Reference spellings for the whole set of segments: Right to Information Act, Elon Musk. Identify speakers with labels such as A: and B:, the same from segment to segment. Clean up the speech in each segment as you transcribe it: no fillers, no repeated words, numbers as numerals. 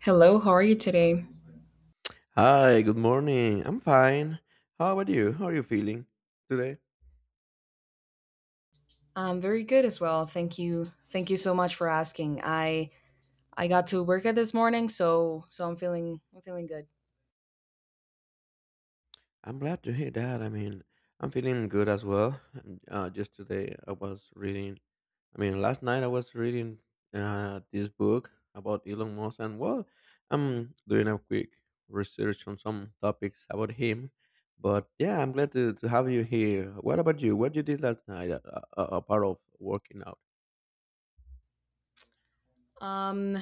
A: Hello, how are you today?
B: Hi, good morning. I'm fine. How about you? How are you feeling today?
A: I'm very good as well. Thank you. Thank you so much for asking. I got to work at this morning, so I'm feeling good.
B: I'm glad to hear that. I mean, I'm feeling good as well. Just today, I was I mean, last night I was reading this book about Elon Musk, and well, I'm doing a quick research on some topics about him. But yeah, I'm glad to have you here. What about you? What you did last night, apart of working out?
A: Um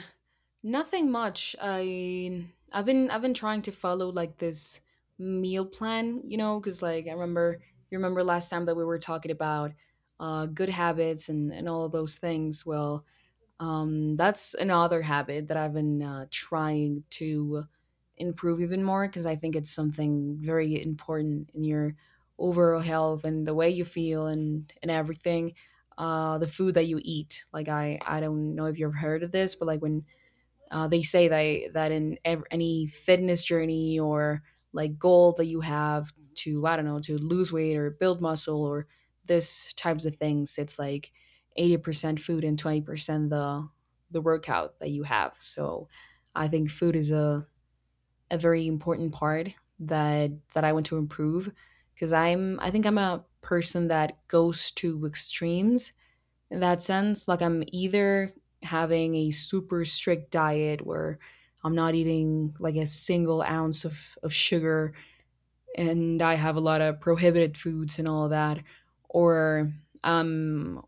A: Nothing much. I've been trying to follow like this meal plan, you know, cuz like I remember you remember last time that we were talking about good habits and all of those things. Well, that's another habit that I've been trying to improve even more because I think it's something very important in your overall health and the way you feel and everything. The food that you eat, like I don't know if you've heard of this, but like when they say that in any fitness journey or like goal that you have to I don't know to lose weight or build muscle or this types of things, it's like 80% food and 20% the workout that you have. So I think food is a very important part that I want to improve because I think I'm a person that goes to extremes in that sense. Like I'm either having a super strict diet where I'm not eating like a single ounce of sugar and I have a lot of prohibited foods and all of that. Or um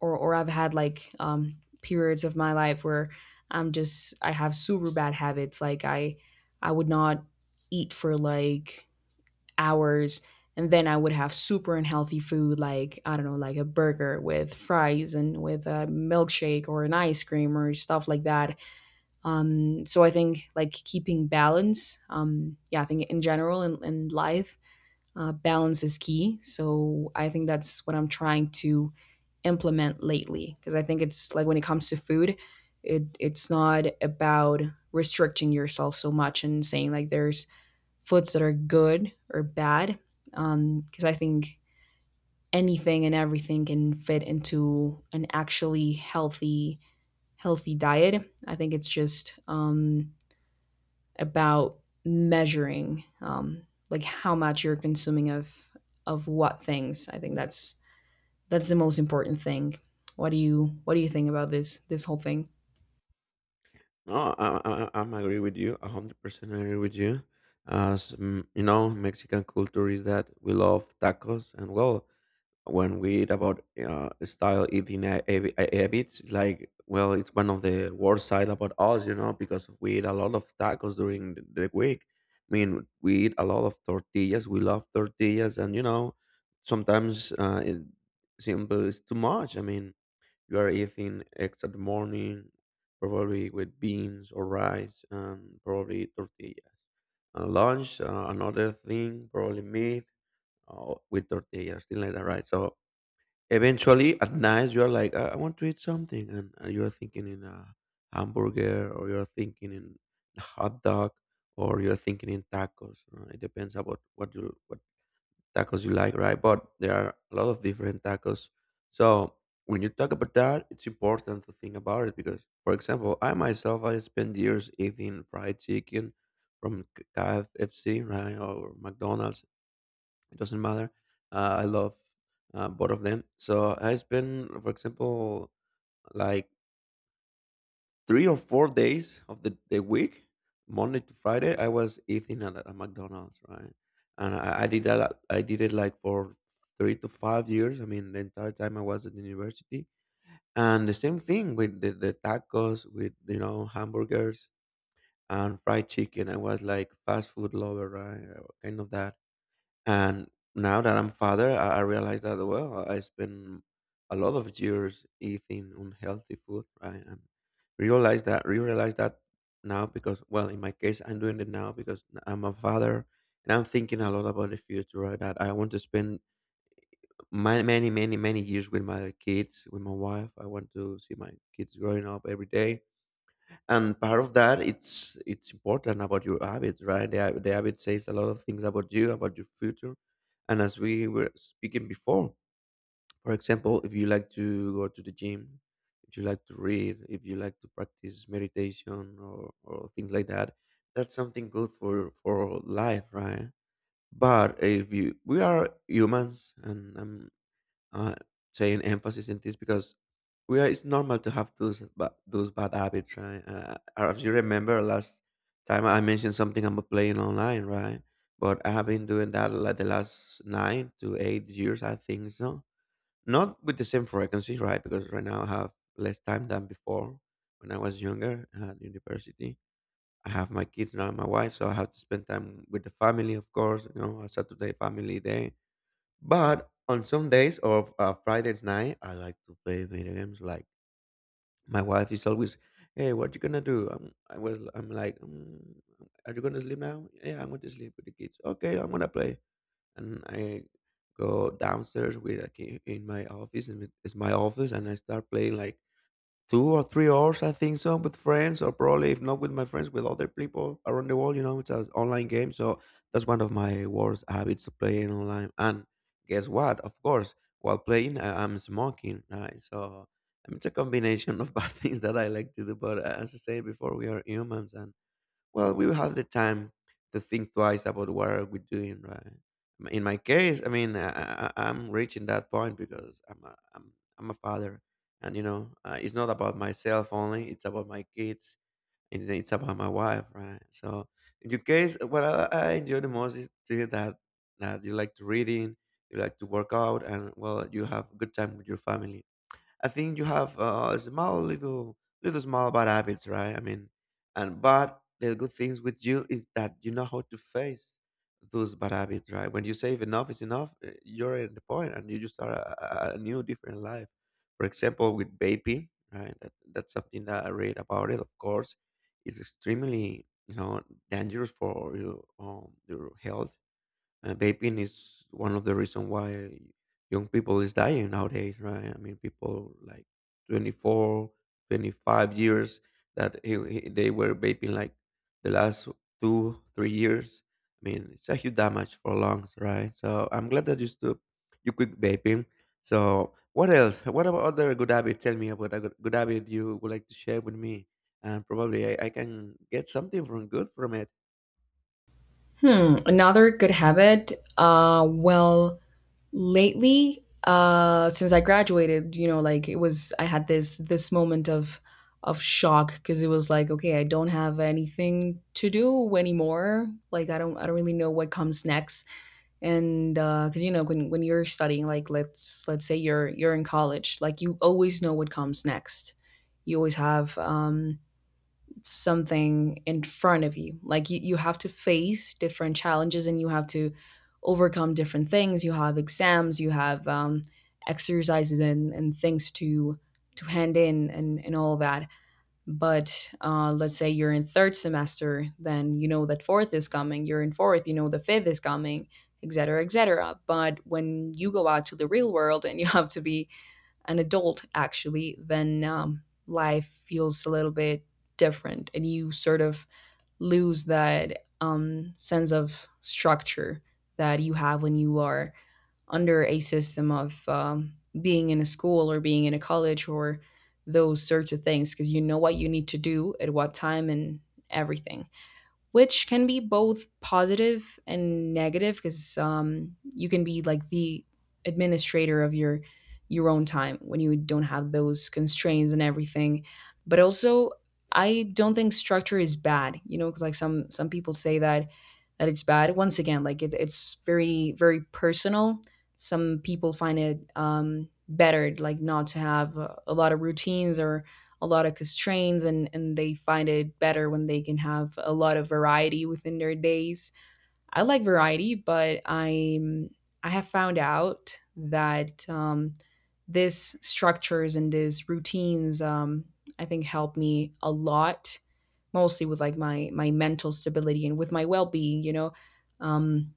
A: or I've had like periods of my life where I have super bad habits. Like I would not eat for like hours and then I would have super unhealthy food like I don't know like a burger with fries and with a milkshake or an ice cream or stuff like that. So I think like keeping balance, yeah, I think in general in life, balance is key. So I think that's what I'm trying to implement lately because I think it's like when it comes to food, it's not about restricting yourself so much and saying like there's foods that are good or bad because I think anything and everything can fit into an actually healthy diet. I think it's just about measuring like how much you're consuming of what things. I think that's the most important thing. What do you What do you think about this whole thing?
B: No, I'm agree with you. 100% agree with you. As mm, you know, Mexican culture is that we love tacos, and well, when we eat about style eating habits, like well, it's one of the worst side about us, you know, because we eat a lot of tacos during the week. I mean, we eat a lot of tortillas. We love tortillas, and you know, sometimes it, simple is too much. I mean, you are eating eggs at the morning, probably with beans or rice, and probably tortillas. And lunch, another thing, probably meat with tortillas, things like that, right? So eventually at night, you're like, I want to eat something. And you're thinking in a hamburger, or you're thinking in a hot dog, or you're thinking in tacos. It depends about what tacos you like, right? But there are a lot of different tacos. So when you talk about that, it's important to think about it because, for example, I spent years eating fried chicken from KFC, right, or McDonald's. It doesn't matter. I love both of them. So I spent, for example, like 3 or 4 days of the week, Monday to Friday, I was eating at a McDonald's, right? And I did that. I did it like for 3 to 5 years. I mean, the entire time I was at university, and the same thing with the tacos, with you know hamburgers and fried chicken. I was like fast food lover, right? Kind of that. And now that I'm father, I realize that well, I spend a lot of years eating unhealthy food, right? And realize that now because well, in my case, I'm doing it now because I'm a father and I'm thinking a lot about the future, right? That I want to spend my many, many, many years with my kids, with my wife. I want to see my kids growing up every day and part of that it's important about your habits, right? The the habit says a lot of things about you, about your future. And as we were speaking before, for example, if you like to go to the gym, if you like to read, if you like to practice meditation or things like that, that's something good for life, right? But if you, we are humans, and uh, saying emphasis in this because we are, it's normal to have those bad habits, right? As you remember, last time I mentioned something about playing online, right? But I have been doing that like the last 9 to 8 years, I think so. Not with the same frequency, right? Because right now I have less time than before, when I was younger at university. I have my kids now, and my wife, so I have to spend time with the family, of course. You know, a Saturday family day, but on some days of Fridays night, I like to play video games. Like my wife is always, "Hey, what you gonna do?" I'm like, mm, "Are you gonna sleep now?" Yeah, I'm going to sleep with the kids. Okay, I'm gonna play, and I go downstairs with a key in my office, and it's my office, and I start playing like 2 or 3 hours, I think so, with friends, or probably if not with my friends, with other people around the world. You know, it's an online game, so that's one of my worst habits, playing online. And guess what? Of course, while playing, I'm smoking. Right? So I mean, it's a combination of bad things that I like to do. But as I said before, we are humans, and well, we will have the time to think twice about what are we doing, right? In my case, I mean, I'm reaching that point because I'm a father, and you know, it's not about myself only; it's about my kids and then it's about my wife, right? So, in your case, I enjoy the most is to hear that you like to reading, you like to work out, and well, you have good time with your family. I think you have small little little small bad habits, right? I mean, and but the good things with you is that you know how to face those bad habits, right? When you save enough is enough, you're at the point, and you just start a new different life. For example, with vaping, right? That's something that I read about it. Of course, it's extremely, you know, dangerous for your health. Uh, vaping is one of the reason why young people is dying nowadays, right? I mean, people like 24, 25 years that they were vaping like the last 2, 3 years. I mean, it's a huge damage for lungs, right? So I'm glad that you quit vaping. So what else? What about other good habit? Tell me about a good good habit you would like to share with me, and probably I can get something from good from it.
A: Hmm, another good habit. Well, lately, since I graduated, you know, like it was I had this moment of shock because it was like okay, I don't have anything to do anymore. Like I don't I don't really know what comes next. And because you know when you're studying, like let's say you're in college, like you always know what comes next. You always have something in front of you. Like you have to face different challenges and you have to overcome different things. You have exams, you have exercises and things to hand in and all that. But let's say you're in third semester, then you know that fourth is coming. You're in fourth, you know the fifth is coming, et cetera, et cetera. But when you go out to the real world and you have to be an adult actually, then life feels a little bit different and you sort of lose that sense of structure that you have when you are under a system of being in a school or being in a college or those sorts of things because you know what you need to do at what time and everything, which can be both positive and negative because you can be like the administrator of your own time when you don't have those constraints and everything. But also, I don't think structure is bad, you know, because like some people say that it's bad. Once again, like it's very personal. Some people find it better, like not to have a lot of routines or a lot of constraints, and they find it better when they can have a lot of variety within their days. I like variety, but I have found out that these structures and these routines, I think help me a lot, mostly with like my mental stability and with my well being. You know, um,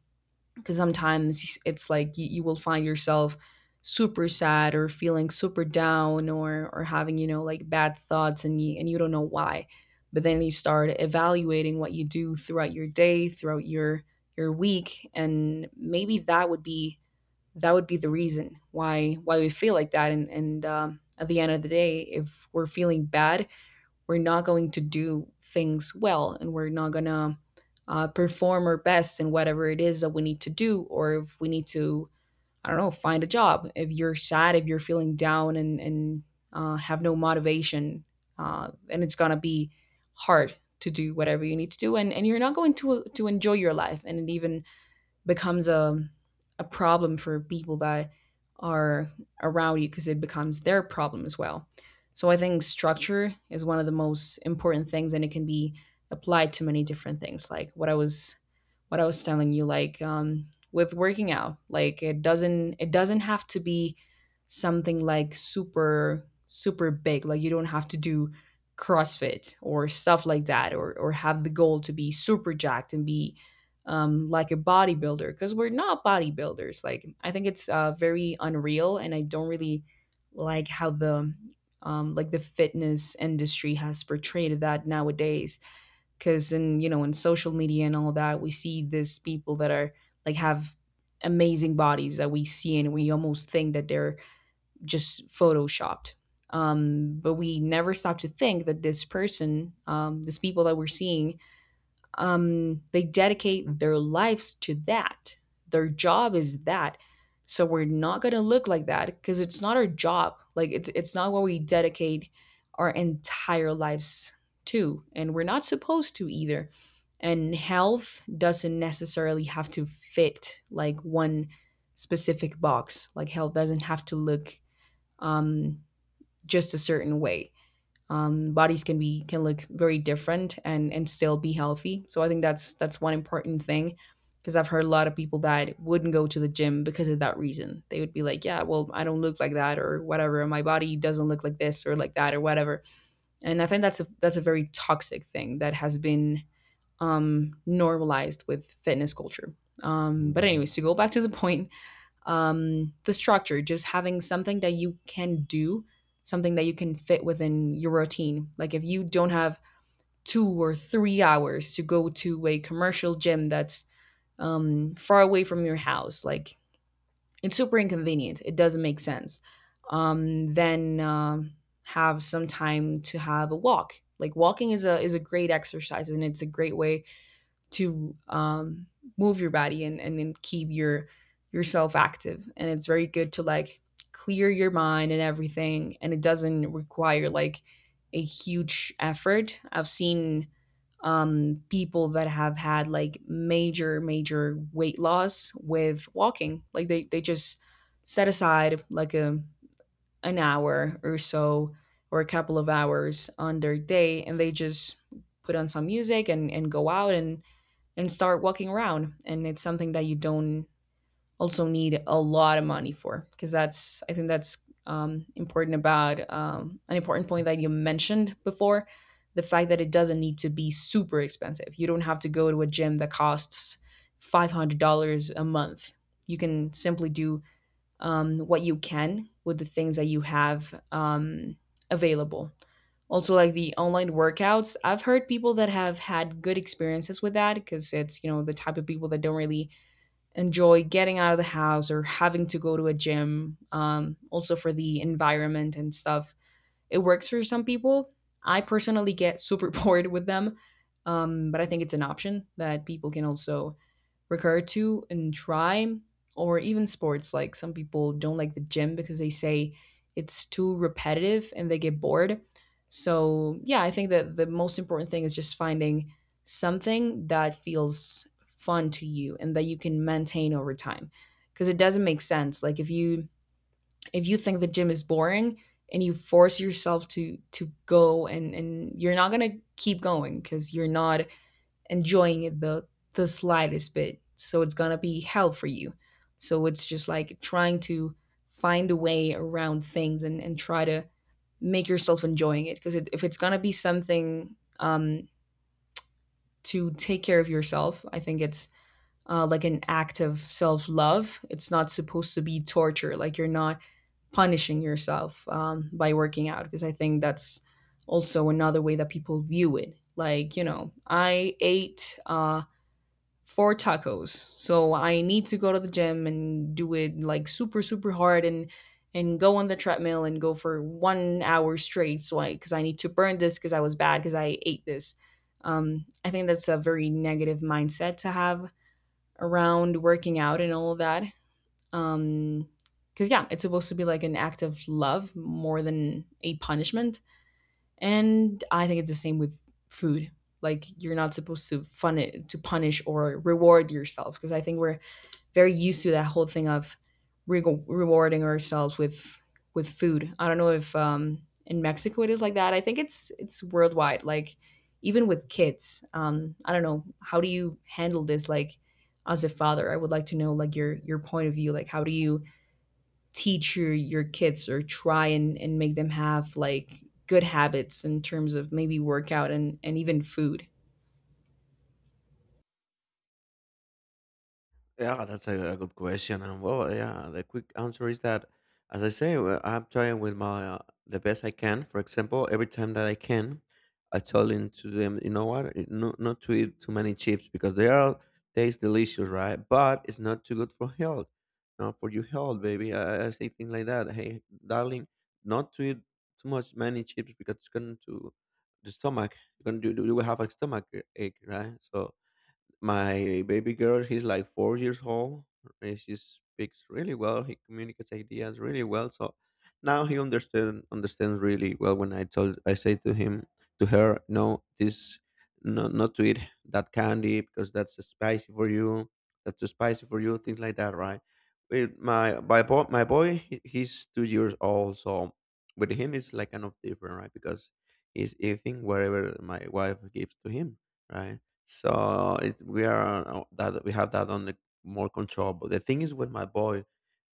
A: because sometimes it's like you will find yourself super sad or feeling super down or having you know like bad thoughts and you don't know why, but then you start evaluating what you do throughout your day, throughout your week, and maybe that would be the reason why we feel like that. And At the end of the day, if we're feeling bad, we're not going to do things well and we're not going to perform our best in whatever it is that we need to do. Or if we need to, I don't know, find a job, if you're sad, if you're feeling down, and have no motivation, and it's going to be hard to do whatever you need to do, and you're not going to enjoy your life, and even becomes a problem for people that are around you because it becomes their problem as well. So I think structure is one of the most important things, and it can be applied to many different things. Like what I was telling you, like with working out, like it doesn't have to be something like super, super big. Like you don't have to do CrossFit or stuff like that, or have the goal to be super jacked and be like a bodybuilder because we're not bodybuilders. Like I think it's very unreal, and I don't really like how the like the fitness industry has portrayed that nowadays. Because in you know in social media and all that, we see these people that are have amazing bodies that we see, and we almost think that they're just photoshopped. But we never stop to think that these people that we're seeing, they dedicate their lives to that. Their job is that. So we're not going to look like that because it's not our job. Like it's not what we dedicate our entire lives to, and we're not supposed to either. And health doesn't necessarily have to fit like one specific box. Like health doesn't have to look um, just a certain way. Bodies can be can look very different and still be healthy, so I think that's one important thing. Because I've heard a lot of people that wouldn't go to the gym because of that reason. They would be like, yeah, well, I don't look like that or whatever, my body doesn't look like this or like that or whatever. And I think that's a very toxic thing that has been normalized with fitness culture. But anyways, to go back to the point, the structure, just having something that you can do, something that you can fit within your routine. Like if you don't have 2 or 3 hours to go to a commercial gym that's far away from your house, like it's super inconvenient. It doesn't make sense. Then Have some time to have a walk. Like walking is a great exercise and it's a great way to move your body, and keep yourself active. And it's very good to like clear your mind and everything. And it doesn't require like a huge effort. I've seen people that have had like major, major weight loss with walking. Like they just set aside like a an hour or so or a couple of hours on their day, and they just put on some music, and go out and start walking around. And it's something that you don't also need a lot of money for, because that's I think that's important about an important point that you mentioned before, the fact that it doesn't need to be super expensive. You don't have to go to a gym that costs $500 a month. You can simply do what you can with the things that you have, available. Also, like the online workouts, I've heard people that have had good experiences with that because it's, you know, the type of people that don't really enjoy getting out of the house or having to go to a gym. Also, for the environment and stuff, it works for some people. I personally get super bored with them, but I think it's an option that people can also recur to and try, or even sports. Like some people don't like the gym because they say it's too repetitive and they get bored. So, yeah, I think that the most important thing is just finding something that feels fun to you and that you can maintain over time because it doesn't make sense like if you think the gym is boring and you force yourself to go and you're not going to keep going because you're not enjoying it the slightest bit. So it's gonna be hell for you. So it's just like trying to find a way around things and try to make yourself enjoying it. Because it, if it's gonna be something to take care of yourself, I think it's like an act of self love. It's not supposed to be torture. Like you're not punishing yourself by working out. Because I think that's also another way that people view it. Like you know, I ate. For tacos. So I need to go to the gym and do it like super super hard and go on the treadmill and go for 1 hour straight so I cuz I need to burn this cuz I was bad cuz I ate this. I think that's a very negative mindset to have around working out and all of that. Um Cuz yeah, it's supposed to be like an act of love more than a punishment. And I think it's the same with food. Like you're not supposed to fun it to punish or reward yourself because I think we're very used to that whole thing of rewarding ourselves with food. I don't know if in Mexico it is like that. I think it's worldwide. Like even with kids, I don't know how do you handle this? Like as a father, I would like to know like your point of view. Like how do you teach your kids or try and make them have like good habits in terms of maybe workout and even food.
B: Yeah, that's a good question. And well, yeah, the quick answer is that, as I say, well, I'm trying with my the best I can. For example, every time that I can, I tell them, you know what, eh, no, not to eat too many chips because they are taste delicious, right? But it's not too good for health. Not for your health, baby. I say things like that. Hey, darling, not to eat too much many chips because it's going to the stomach. You're gonna do You will have a stomach ache, right? So my baby girl, she's like 4 years old, and she speaks really well, he communicates ideas really well. So now he understands really well when I say to him, to her, no, not to eat that candy because that's too spicy for you, things like that, right? With my boy, he's 2 years old. So with him it's like kind of different, right? Because he's eating whatever my wife gives to him, right? So it, we are on- that we have that on the more control. But the thing is, with my boy,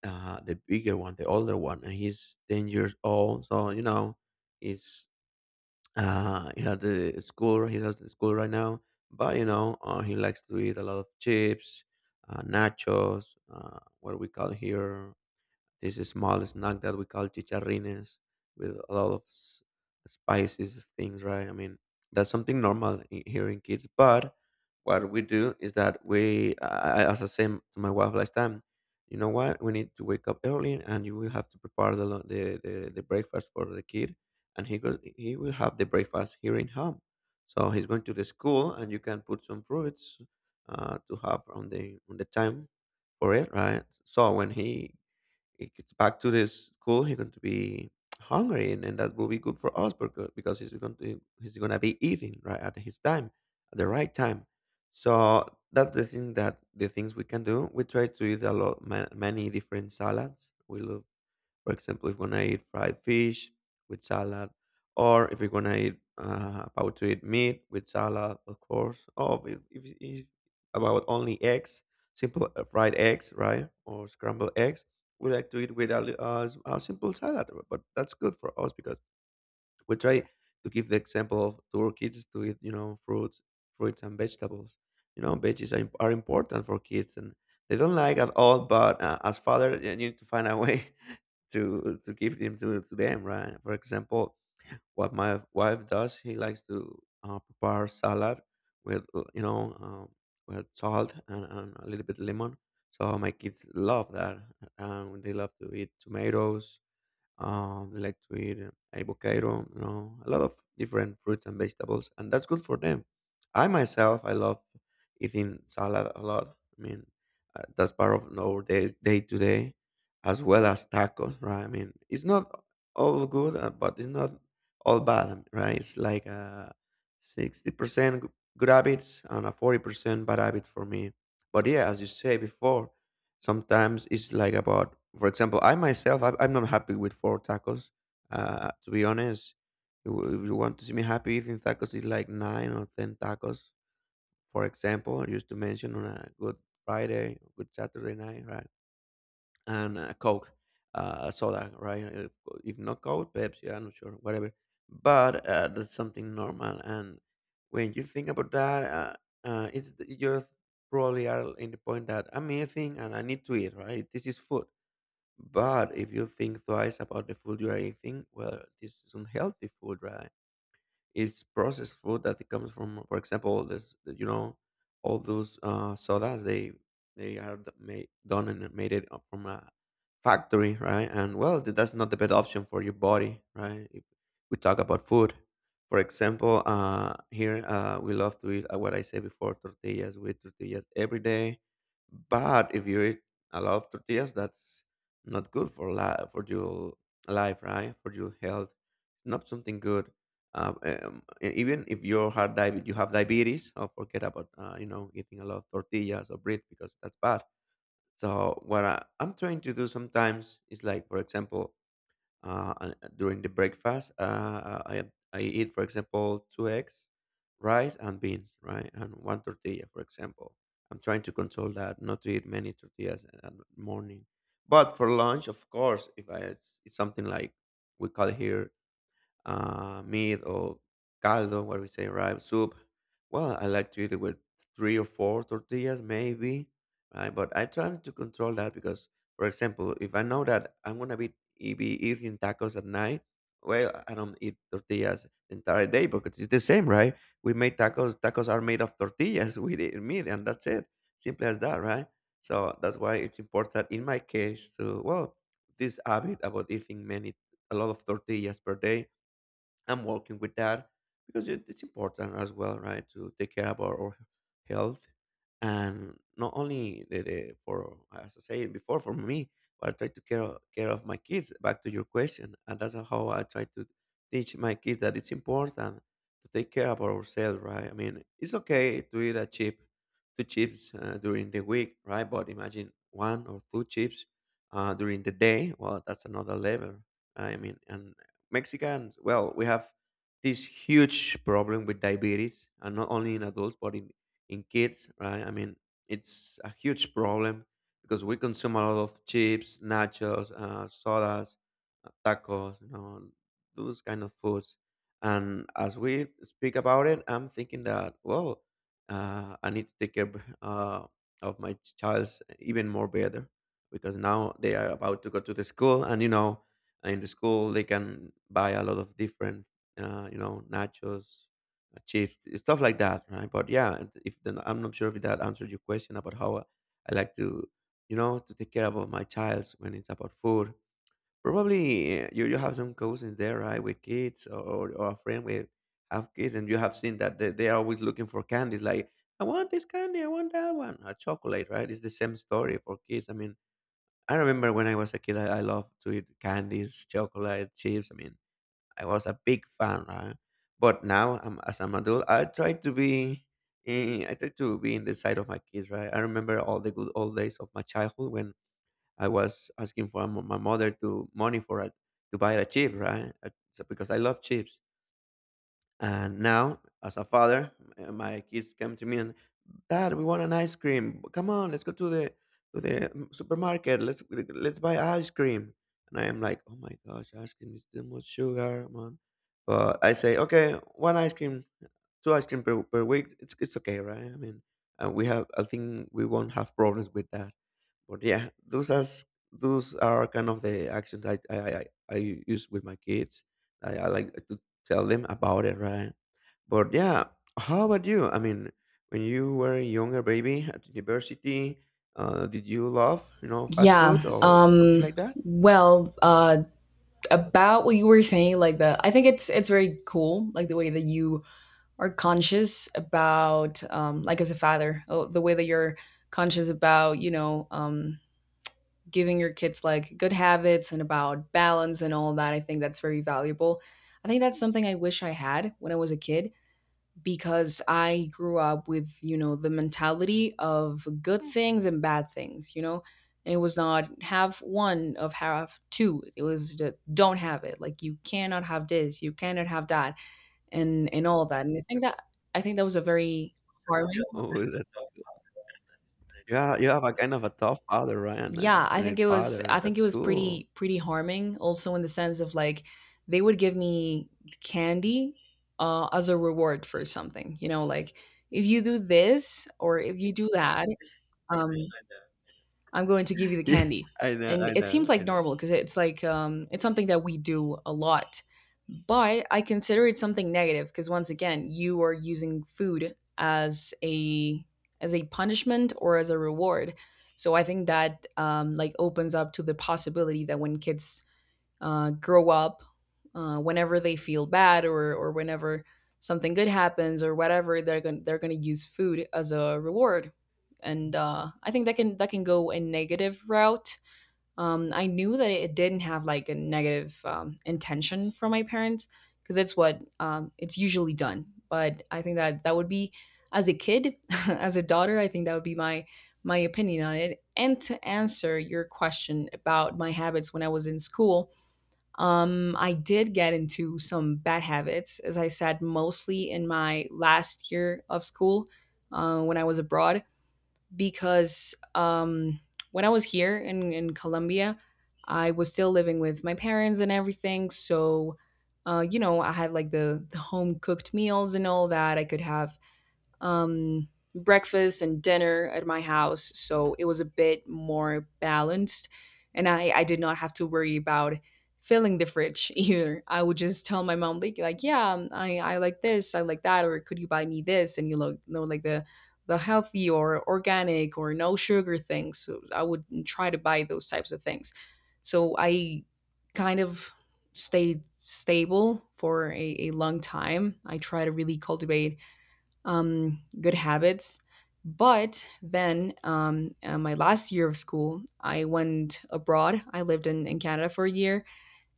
B: the bigger one, the older one, and he's 10 years old. So you know, he's he at the school. He has the school right now. But you know, he likes to eat a lot of chips, nachos, what we call here this small snack that we call chicharrines with a lot of spices things, right? I mean, that's something normal, here in kids. But what we do is that as I said to my wife last time, you know what, we need to wake up early, and you will have to prepare the breakfast for the kid, and he will have the breakfast here in home. So he's going to the school, and you can put some fruits to have on the time for it, right? So when he it gets back to the school, he's going to be hungry, and that will be good for us, because he's going to be eating right at his time, at the right time. So that's the thing, that the things we can do. We try to eat a lot, many different salads. We love, for example, if we're gonna eat fried fish with salad, or if we're gonna eat about to eat meat with salad, of course. Or if it's about only eggs, simple fried eggs, right, or scrambled eggs, we like to eat with a simple salad. But that's good for us because we try to give the example to our kids to eat, you know, fruits, fruits and vegetables. You know, veggies are, are important for kids, and they don't like at all. But as father, you need to find a way to give them to them, right? For example, what my wife does, he likes to prepare salad with with salt and a little bit lemon. So my kids love that, and they love to eat tomatoes. They like to eat avocado, you know, a lot of different fruits and vegetables, and that's good for them. I myself, I love eating salad a lot. I mean, that's part of our day to day, as well as tacos, right? I mean, it's not all good, but it's not all bad, right? It's like a 60% good habits and a 40% bad habit for me. But yeah, as you say before, sometimes it's like about. For example, I myself, I'm not happy with four tacos, to be honest. If you want to see me happy eating tacos, it's like nine or ten tacos. For example, I used to mention on a good Friday, good Saturday night, right? And Coke, soda, right? If not Coke, Pepsi, I'm not sure, whatever. But that's something normal. And when you think about that, it's, you're probably are in the point that I'm eating and I need to eat, right? This is food. But if you think twice about the food you are eating, well, this is unhealthy food, right? It's processed food that it comes from. For example, this, you know, all those sodas, they are d- made done and made it up from a factory, right? And well, that's not the best option for your body, right? If we talk about food, for example, here we love to eat, what I said before, tortillas. We eat tortillas every day. But if you eat a lot of tortillas, that's not good for life, for your life, right? For your health, not something good. Even if you have diabetes, you have diabetes, oh, forget about you know, eating a lot of tortillas or bread because that's bad. So what I'm trying to do sometimes is like, for example, during the breakfast, I eat, for example, two eggs, rice and beans, right, and one tortilla, for example. I'm trying to control that, not to eat many tortillas at morning. But for lunch, of course, if I, it's something like we call here, meat or caldo, what we say, right? Soup. Well, I like to eat it with three or four tortillas, maybe, right? But I try to control that because, for example, if I know that I'm gonna be be eating tacos at night, well, I don't eat tortillas the entire day because it's the same, right? We make tacos. Tacos are made of tortillas with meat, and that's it. Simple as that, right? So that's why it's important in my case to, well, this habit about eating many a lot of tortillas per day, I'm working with that because it's important as well, right? To take care about our health, and not only the for, as I said before, for me, but I try to care of my kids. Back to your question, and that's how I try to teach my kids that it's important to take care about ourselves, right? I mean, it's okay to eat a chip, two chips, during the week, right? But imagine one or two chips during the day. Well, that's another level, right? I mean, and Mexicans, well, we have this huge problem with diabetes, and not only in adults but in kids, right? I mean, it's a huge problem because we consume a lot of chips, nachos, sodas, tacos, you know, those kind of foods. And as we speak about it, I'm thinking that, well, I need to take care of my child's even more better because now they are about to go to the school, and you know, in the school they can buy a lot of different, you know, nachos, chips, stuff like that, right? But yeah, if then I'm not sure if that answered your question about how I like to, you know, to take care about my child when it's about food. Probably you have some cousins there, right, with kids, or a friend with have kids, and you have seen that they are always looking for candies, like, I want this candy, I want that one, a chocolate, right? It's the same story for kids. I mean, I remember when I was a kid, I loved to eat candies, chocolate, chips. I mean, I was a big fan, right? But now, as I'm adult, I try to be, I try to be in the side of my kids, right? I remember all the good old days of my childhood when I was asking for my mother to money for a, to buy a chip, right? Because I love chips, and now, as a father, my kids come to me and, Dad, we want an ice cream. Come on, let's go to the supermarket. Let's buy ice cream. And I am like, oh my gosh, ice cream is too much sugar, man. But I say, okay, one ice cream, two ice cream per, per week. It's okay, right? I mean, we have, I think we won't have problems with that. But yeah, those are kind of the actions I use with my kids. I like to tell them about it, right? But yeah, how about you? I mean, when you were a younger baby at university, did you love, you know, fast food
A: Yeah.
B: or something
A: Um
B: like that?
A: well, uh about what you were saying like the I think it's very cool like the way that you are conscious about like as a father, oh, the way that you're conscious about, you know, giving your kids like good habits and about balance and all that. I think that's very valuable. I think that's something I wish I had when I was a kid because I grew up with, you know, the mentality of good things and bad things, you know? It was not have one of have two. It was the don't have it. Like you cannot have this, you cannot have that, and all that. And I think that was a very harming.
B: Oh, that, yeah, you have a kind of a tough father, right, and a
A: Yeah,
B: disciplined father,
A: I
B: and
A: think
B: that's
A: it was
B: cool.
A: pretty pretty harming also in the sense of like they would give me candy as a reward for something, you know, like if you do this or if you do that um, I'm going to give you the
B: Yeah,
A: candy.
B: I know,
A: And
B: I
A: it seems
B: know,
A: like
B: I know.
A: normal because it's like it's something that we do a lot. But I consider it something negative because once again, you are using food as a punishment or as a reward. So I think that like opens up to the possibility that when kids grow up whenever they feel bad or whenever something good happens or whatever they're going to use food as a reward and I think that can go a negative route, I knew that it didn't have like a negative intention from my parents because it's what it's usually done, but I think that would be as a kid as a daughter, I think that would be my my opinion on it. And to answer your question about my habits when I was in school, I did get into some bad habits, as I said, mostly in my last year of school when I was abroad, because when I was here in Colombia, I was still living with my parents and everything. So, you know, I had like the home cooked meals and all that. I could have um, breakfast and dinner at my house. So it was a bit more balanced. And I did not have to worry about filling the fridge either. I would just tell my mom, like yeah, I like this, I like that, or could you buy me this? And you know like the healthy or organic or no sugar things. So I would try to buy those types of things. So I kind of stayed stable for a long time. I try to really cultivate good habits. But then, my last year of school, I went abroad. I lived in Canada for a year.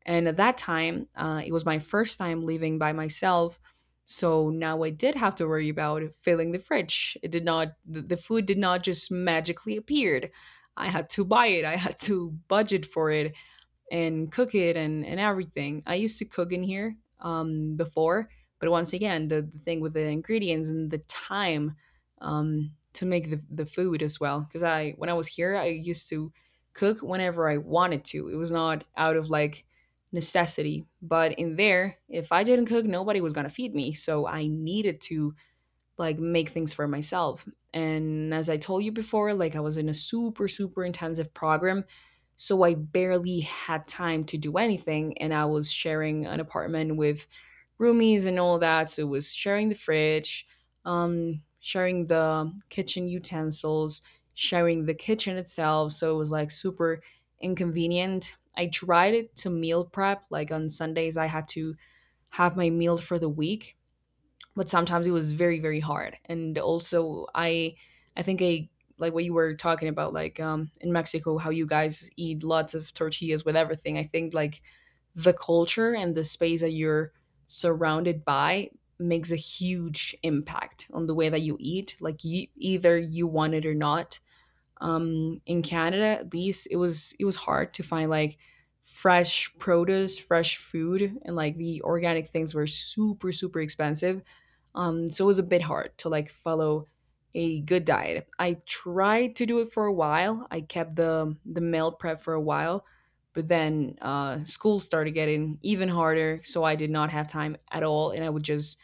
A: And at that time, it was my first time leaving by myself. So now I did have to worry about filling the fridge. It did not, the food did not just magically appeared. I had to buy it, I had to budget for it and cook it and everything. I used to cook in here before, but once again, the thing with the ingredients and the time to make the food as well. Because I, when I was here, I used to cook whenever I wanted to. It was not out of like necessity. But in there, if I didn't cook, nobody was going to feed me. So I needed to like make things for myself. And as I told you before, like I was in a super, super intensive program. So I barely had time to do anything. And I was sharing an apartment with roomies and all that. So it was sharing the fridge, sharing the kitchen utensils, sharing the kitchen itself. So it was like super inconvenient. I tried it to meal prep. Like on Sundays, I had to have my meal for the week, but sometimes it was very very hard. And also I think I like what you were talking about, like in Mexico how you guys eat lots of tortillas with everything. I think like the culture and the space that you're surrounded by makes a huge impact on the way that you eat, like you, either you want it or not. In Canada, at least, it was hard to find like fresh produce, fresh food, and like the organic things were super super expensive. So it was a bit hard to like follow a good diet. I tried to do it for a while. I kept the meal prep for a while, but then school started getting even harder, so I did not have time at all, and I would just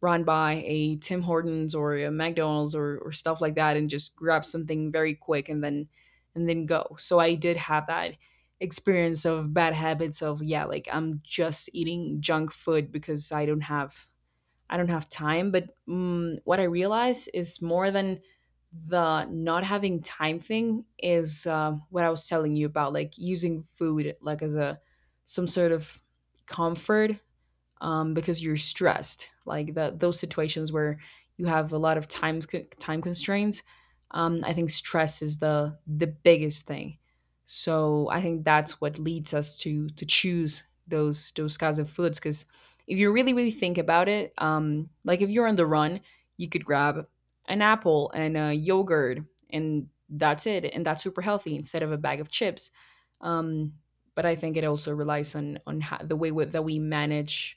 A: run by a Tim Hortons or a McDonald's or stuff like that and just grab something very quick and then go. So I did have that experience of bad habits of, yeah, like I'm just eating junk food because I don't have time. But mm, what I realize is more than the not having time thing is what I was telling you about, like using food like as a some sort of comfort because you're stressed. Like the, those situations where you have a lot of time constraints. I think stress is the biggest thing. So I think that's what leads us to choose those kinds of foods. Because if you really really think about it, like if you're on the run, you could grab an apple and a yogurt, and that's it, and that's super healthy instead of a bag of chips. Um, but I think it also relies on the way that we manage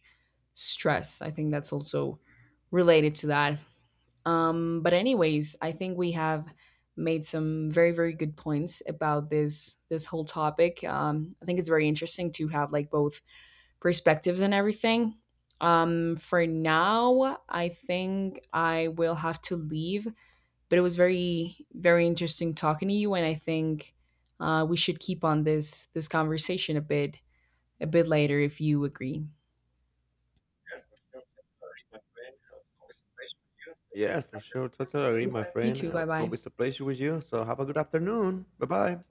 A: stress. I think that's also related to that. But anyways, I think we have made some very very good points about this this whole topic. I think it's very interesting to have like both perspectives and everything. For now, I think I will have to leave. But it was very very interesting talking to you, and I think we should keep on this this conversation a bit later if you agree.
B: Yes, for sure. Totally agree,
A: Yeah.
B: my
A: You
B: friend.
A: too. Bye
B: It's
A: bye.
B: always a pleasure with you. So have a good afternoon. Bye bye.